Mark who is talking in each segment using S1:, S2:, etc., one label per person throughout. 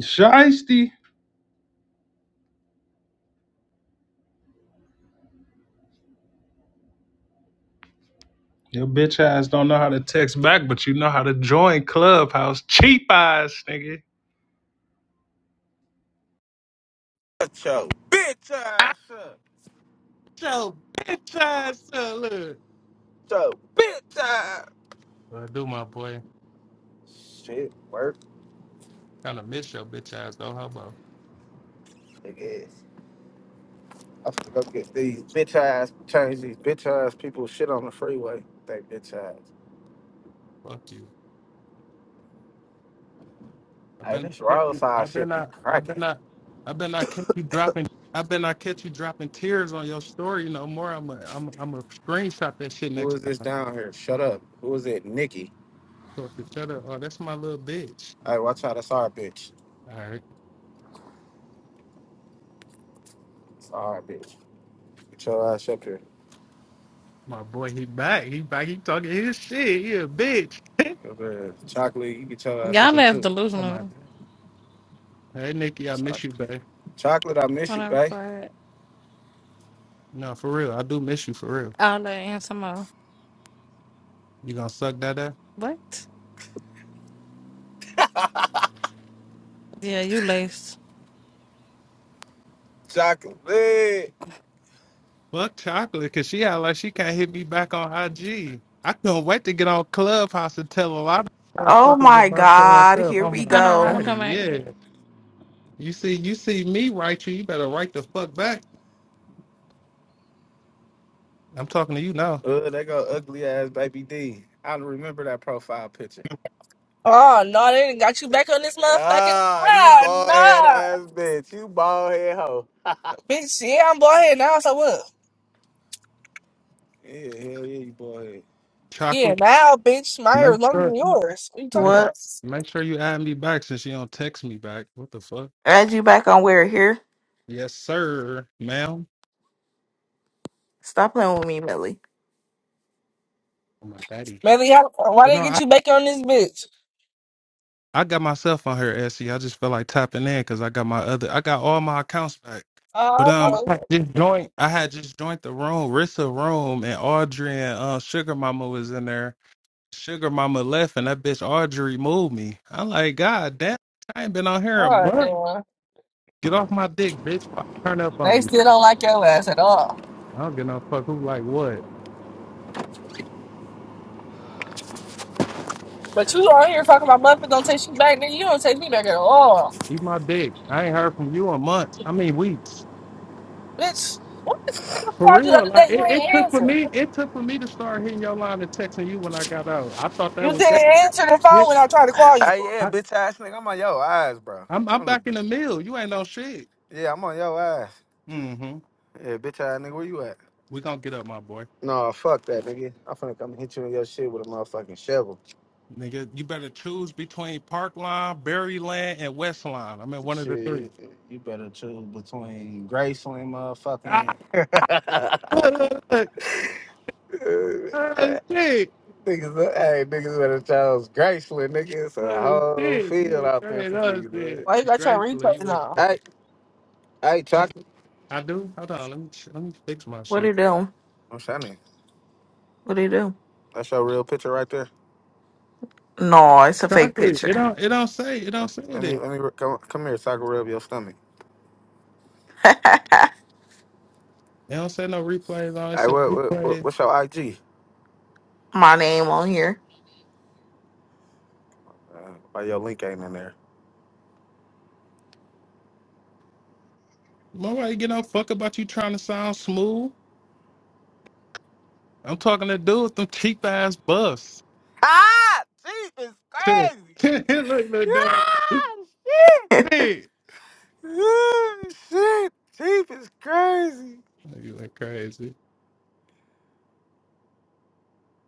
S1: Shiesty. Your bitch ass don't know how to text back, but you know how to join Clubhouse. Cheap ass, nigga.
S2: Shut your bitch ass up. Shut
S1: Yo, bitch ass up, look.
S2: your bitch ass.
S1: Well, I do, my boy.
S2: Shit, work,
S1: Kind of miss your bitch ass, though. How about
S2: nigga ass. I have to go get these bitch ass, change these bitch ass people shit on the freeway. They bitch ass.
S1: fuck you? I
S2: Hey,
S1: been
S2: this
S1: I kept you. I
S2: roadside
S1: been
S2: shit be
S1: I I
S2: cracking.
S1: been I I been I kept you dropping. I been I kept you dropping tears on your story. No more. I'm a I'm a- I'm a screenshot that shit
S2: Who
S1: next
S2: is
S1: time.
S2: this down here? Shut up. Who is it? Nikki.
S1: So if you shut up, oh, that's my little bitch.
S2: Hey, watch out. That's our bitch.
S1: All right,
S2: It's our bitch. Get your ass up here.
S1: my boy, he back. He back. He talking his shit. He a bitch.
S2: Come here. Chocolate, you get your ass up
S3: Y'all
S2: here
S3: left
S2: too.
S1: Oh my.
S3: delusional
S1: god. Hey Nikki, I
S2: Choc-
S1: miss you, babe.
S2: Chocolate, I miss
S3: when
S2: you,
S3: I
S2: babe.
S3: was
S1: No, for real, I do miss you for real.
S3: I'll let and some more.
S1: You gonna suck that up?
S3: What? Yeah, you laced.
S2: Chocolate.
S1: Fuck chocolate, cause she act like she can't hit me back on IG. I couldn't wait to get on Clubhouse and tell a lot of
S4: Oh
S1: motherfuckers
S4: my
S1: about
S4: God.
S1: yourself.
S4: Here
S1: Oh
S4: we
S1: my
S3: Hold on, I'm
S4: go.
S3: gonna
S1: daddy,
S3: come back.
S1: yeah. You see, you see me write you. You better write the fuck back. I'm talking to you now.
S2: Uh, they go ugly ass baby D. I remember that profile picture.
S5: Oh no, they done got you back on this motherfucking
S2: Ah, you
S5: ah
S2: bald head
S5: nah.
S2: ass bitch. You bald head hoe.
S5: Bitch, yeah, I'm bald head now, so what?
S2: Yeah, hell yeah, you bald head.
S5: Yeah,
S1: Chocolate,
S5: now bitch, my hair
S1: make
S5: is longer
S1: sure,
S5: than yours. What you talking
S1: make,
S5: about?
S4: What?
S1: make sure you add me back since you don't text me back. What the fuck?
S4: Add you back on where? Here?
S1: Yes, sir, madam
S4: Stop playing with me, Millie.
S1: Oh my daddy.
S5: Melly, how why
S1: But
S5: they
S1: no, I.
S5: get you back on this bitch?
S1: I got myself on here, Essie. I just felt like tapping in because I got my other, I got all my accounts back. But
S5: Oh,
S1: um, I had
S5: okay.
S1: just joined. I had just joined the room, Rissa room, and Audrey and uh, Sugar Mama was in there. Sugar Mama left, and that bitch Audrey moved me. I'm like, God damn, I ain't been on here a
S5: oh
S1: month.
S5: damn.
S1: Get off my dick, bitch! before I turn up
S5: They
S1: on you.
S5: still don't like your ass at all.
S1: I don't give no fuck who like what.
S5: But you on here talking about motherfuckers don't take you back, nigga. You don't take me back at all.
S1: Eat my dick. I ain't heard from you in months. I mean weeks.
S5: Bitch, what the fuck I
S1: For
S5: called you the
S1: real,
S5: other
S1: like
S5: day? You
S1: it, it
S5: ain't
S1: took for
S5: answer.
S1: me, it took for me to start hitting your line and texting you when I got out. I thought that
S5: You
S1: was that.
S5: didn't answer the
S1: Yeah,
S5: phone when I tried to call you.
S2: Hey, yeah,
S1: I,
S2: bitch ass nigga. I'm on your ass, bro.
S1: I'm I'm
S2: I'm the,
S1: back in the mill. You ain't no shit.
S2: yeah, I'm on your ass.
S1: Mm-hmm.
S2: Yeah, bitch ass nigga, where you at?
S1: We gonna get up, my boy.
S2: No, fuck that, nigga. I'm finna come hit you in your shit with a motherfucking shovel.
S1: Nigga, you better choose between Park Line, Berry Land, and West Line. I'm in one of the
S2: Shit,
S1: three.
S2: you better choose between Graceland,
S1: Ah,
S2: motherfucking.
S1: look,
S2: Uh,
S1: oh, shit.
S2: Niggas, hey, niggas better chose Graceland, nigga. It's a
S1: Oh,
S2: whole
S1: shit. You
S2: field
S1: went
S2: out there
S1: crazy.
S2: for
S1: Oh,
S2: niggas.
S1: shit.
S2: man.
S5: Why you got your
S1: Gracefully, you
S5: replays
S1: went
S5: on?
S1: crazy.
S2: Hey, hey,
S1: I,
S2: chocolate.
S1: I do. Hold on. Let me let me fix my
S4: What
S1: shit.
S4: it do?
S2: I'm shiny.
S4: What it do?
S2: That's your real picture right there.
S4: No, it's a fake
S1: Chocolate.
S4: picture.
S1: It don't it don't say it don't
S2: Uh,
S1: say it
S2: let me,
S1: is.
S2: let me re- come, come here, so I can rub your stomach.
S1: They don't say no replays. I always
S2: Hey,
S1: say
S2: what, what, what
S1: replays.
S2: what's your IG?
S4: My name on here.
S2: Uh, why your link ain't in there?
S1: Nobody get no fuck about you trying to sound smooth. I'm talking to dude with them cheap ass buffs.
S2: Ah, Jesus, crazy.
S1: Look, look, dog.
S2: Ah,
S1: Hey,
S2: shit. Ah, shit, Chief is crazy.
S1: you look crazy.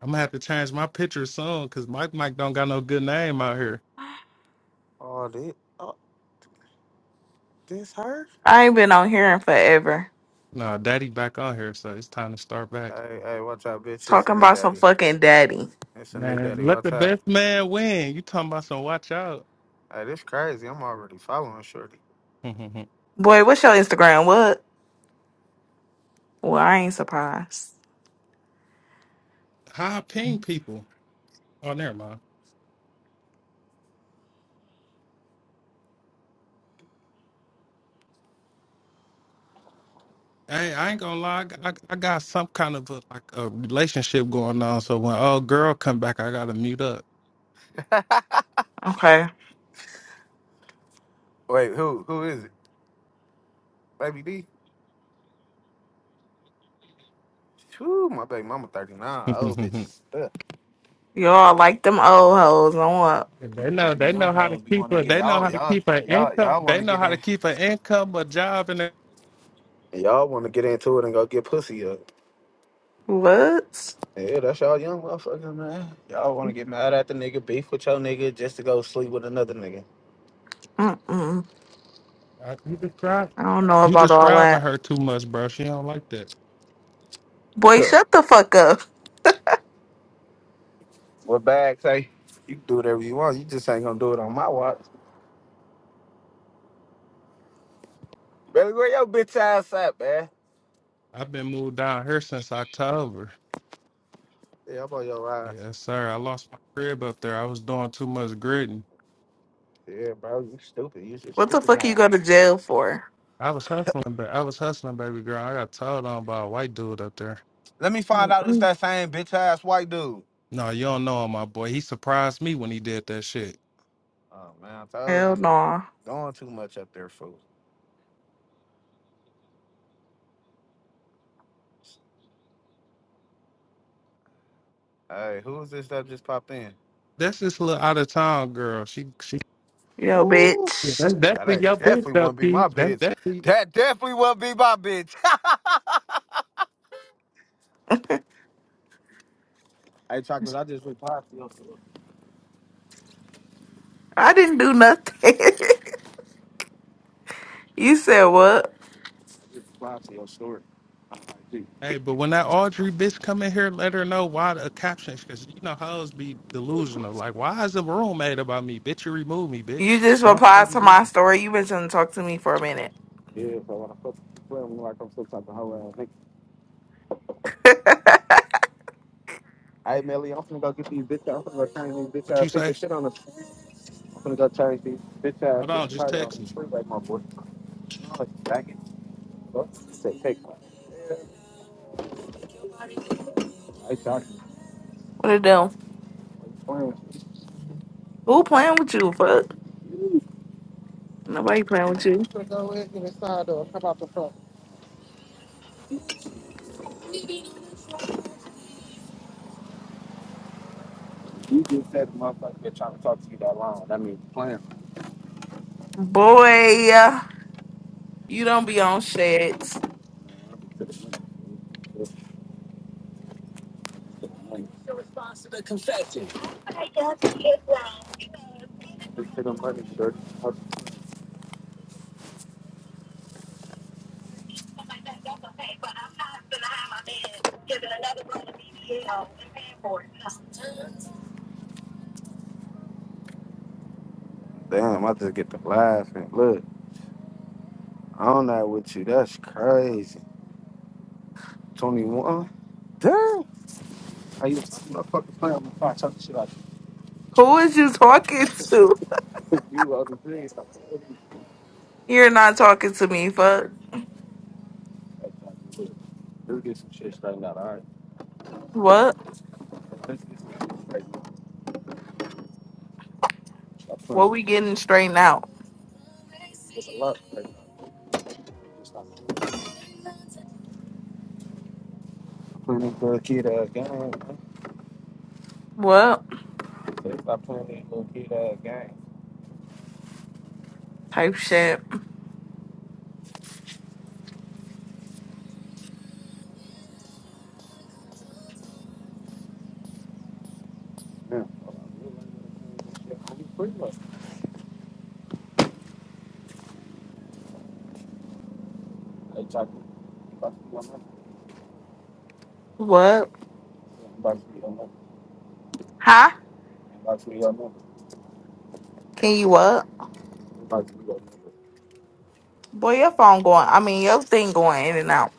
S1: I'm gonna have to change my picture soon because Mike Mike don't got no good name out here.
S2: Oh, this, oh, this her?
S4: I ain't been on here in forever.
S1: Nah, Daddy back on here, so it's time to start back.
S2: Hey, hey, watch out,
S4: It's
S2: bitch. It's a
S4: talking
S2: new
S4: about some
S2: daddy.
S4: fucking daddy.
S2: It's a new daddy.
S1: Man, let
S2: Watch
S1: the
S2: out.
S1: best man win. You talking about some watch out?
S2: Hey, this crazy. I'm already following Shorty.
S1: How
S4: Boy, what's your Instagram? What? Well, I ain't surprised.
S1: I ping people? Oh, never mind. Hey, I ain't gonna lie. I, I got some kind of a, like a relationship going on. So when old girl come back, I gotta mute up.
S4: Okay.
S2: Wait, who who is it? Baby D. Whew, my baby mama 39. Old
S1: they
S2: bitches. Ugh.
S4: Y'all like them old hoes. I want
S1: know
S2: Cause you
S1: they
S2: young
S1: know how to
S2: hoes, we
S1: keep
S2: want to
S1: her.
S2: get
S1: They know
S2: y'all,
S1: how to
S2: y'all,
S1: keep her
S2: y'all,
S1: income.
S2: y'all want
S1: They
S2: to
S1: know
S2: get
S1: how to
S2: in.
S1: keep her income, a job, and a-
S2: Y'all want to get into it and go get pussy up.
S4: what?
S2: Yeah, that's y'all young motherfuckers, man. Y'all want to get mad at the nigga, beef with your nigga just to go sleep with another nigga.
S4: Mm-mm.
S1: uh, you describe
S4: I don't know
S1: you
S4: about all
S1: describing
S4: that.
S1: her too much, bro. She don't like that.
S4: Boy,
S2: Sure.
S4: shut the fuck up.
S2: What bag say? You can do whatever you want. You just ain't gonna do it on my watch. Baby, where your bitch ass at, man?
S1: I've been moved down here since October.
S2: Yeah, I'm on your ass.
S1: Yes, sir. I lost my crib up there. I was doing too much gritting.
S2: Yeah, bro, you stupid. You just
S4: What the
S2: stupid
S4: fuck you
S2: man.
S4: go to jail for?
S1: I was hustling, but I was hustling, baby girl. I got told on by a white dude up there.
S2: Let me find out it's that same bitch ass white dude.
S1: No, you don't know him, my boy. He surprised me when he did that shit.
S2: Oh man, I told you,
S4: Hell
S2: you
S4: no.
S2: doing too much up there, fool. Hey, who is this that just popped in?
S1: That's this little out of town girl. She she
S4: Yo,
S2: Woo!
S4: bitch.
S1: that's
S2: That
S1: definitely
S2: ain't
S1: your bitch
S2: definitely
S1: though,
S2: won't be
S1: Keith.
S2: my
S1: That's
S2: bitch.
S1: definitely
S2: That definitely won't be my bitch. Hey, chocolate, I just replied to your story.
S4: I didn't do nothing. you said what?
S2: I just replied to your story. Like, gee,
S1: Hey, but when that Audrey bitch come in here, let her know why the captions, because you know hoes be delusional. Like, why is the room made about me? Bitch, you remove me,
S4: You
S1: bitch.
S4: just
S1: Don't say
S4: replied
S1: you
S4: to
S1: did.
S4: my story. You been trying to talk to me for a minute.
S2: Yeah, bro, when I fuck with him, like I'm still talking whole ass nigga. Hey, Melly, I'm finna go get these bitch I'm finna go change these bitch
S1: What
S2: ass
S1: you
S2: people
S1: say?
S2: shit on us. I'm finna go change these bitch ass
S1: Hold on,
S2: people
S1: just
S2: probably on
S1: text me.
S2: the freeway, my boy. Back in the book. Say, Take one. I thought you
S4: What it do?
S2: were playing.
S4: Who playing with you? Fuck. Nobody playing with you.
S2: Gonna go in through the side door, come out the front. You you just just Just said the motherfucker been trying to to gonna talk that That long. That means playing,
S4: Boy, you don't be on shit.
S2: To the money. Just to the money. I I'm get my my don't okay, but I'm not gonna have my man giving another BBL and paying for it. Damn, I just get to laughing. Look, I'm not with you. That's crazy. 21? Damn. I used to fucking play on my phone, talking, I'm gonna shit
S4: Who is you talking to?
S2: like this.
S4: You're not talking to me. Fuck.
S2: Let's get some shit straightened out. All right.
S4: What?
S2: Let's get some shit straightened out. Stop playing
S4: What
S2: with
S4: we
S2: me.
S4: getting straightened out?
S2: It's a lot. right I'm Playing these little kid ass game. man.
S4: What?
S2: So they stop playing these little kid ass game.
S4: Type shit.
S2: Yeah. I'm pretty much. Hey, Chocolate. you About
S4: What?
S2: to be your number.
S4: Huh?
S2: You About to be your number.
S4: Can you what?
S2: You About to be your number. You About to be your number.
S4: Boy, your phone going. I mean, your thing going in and out.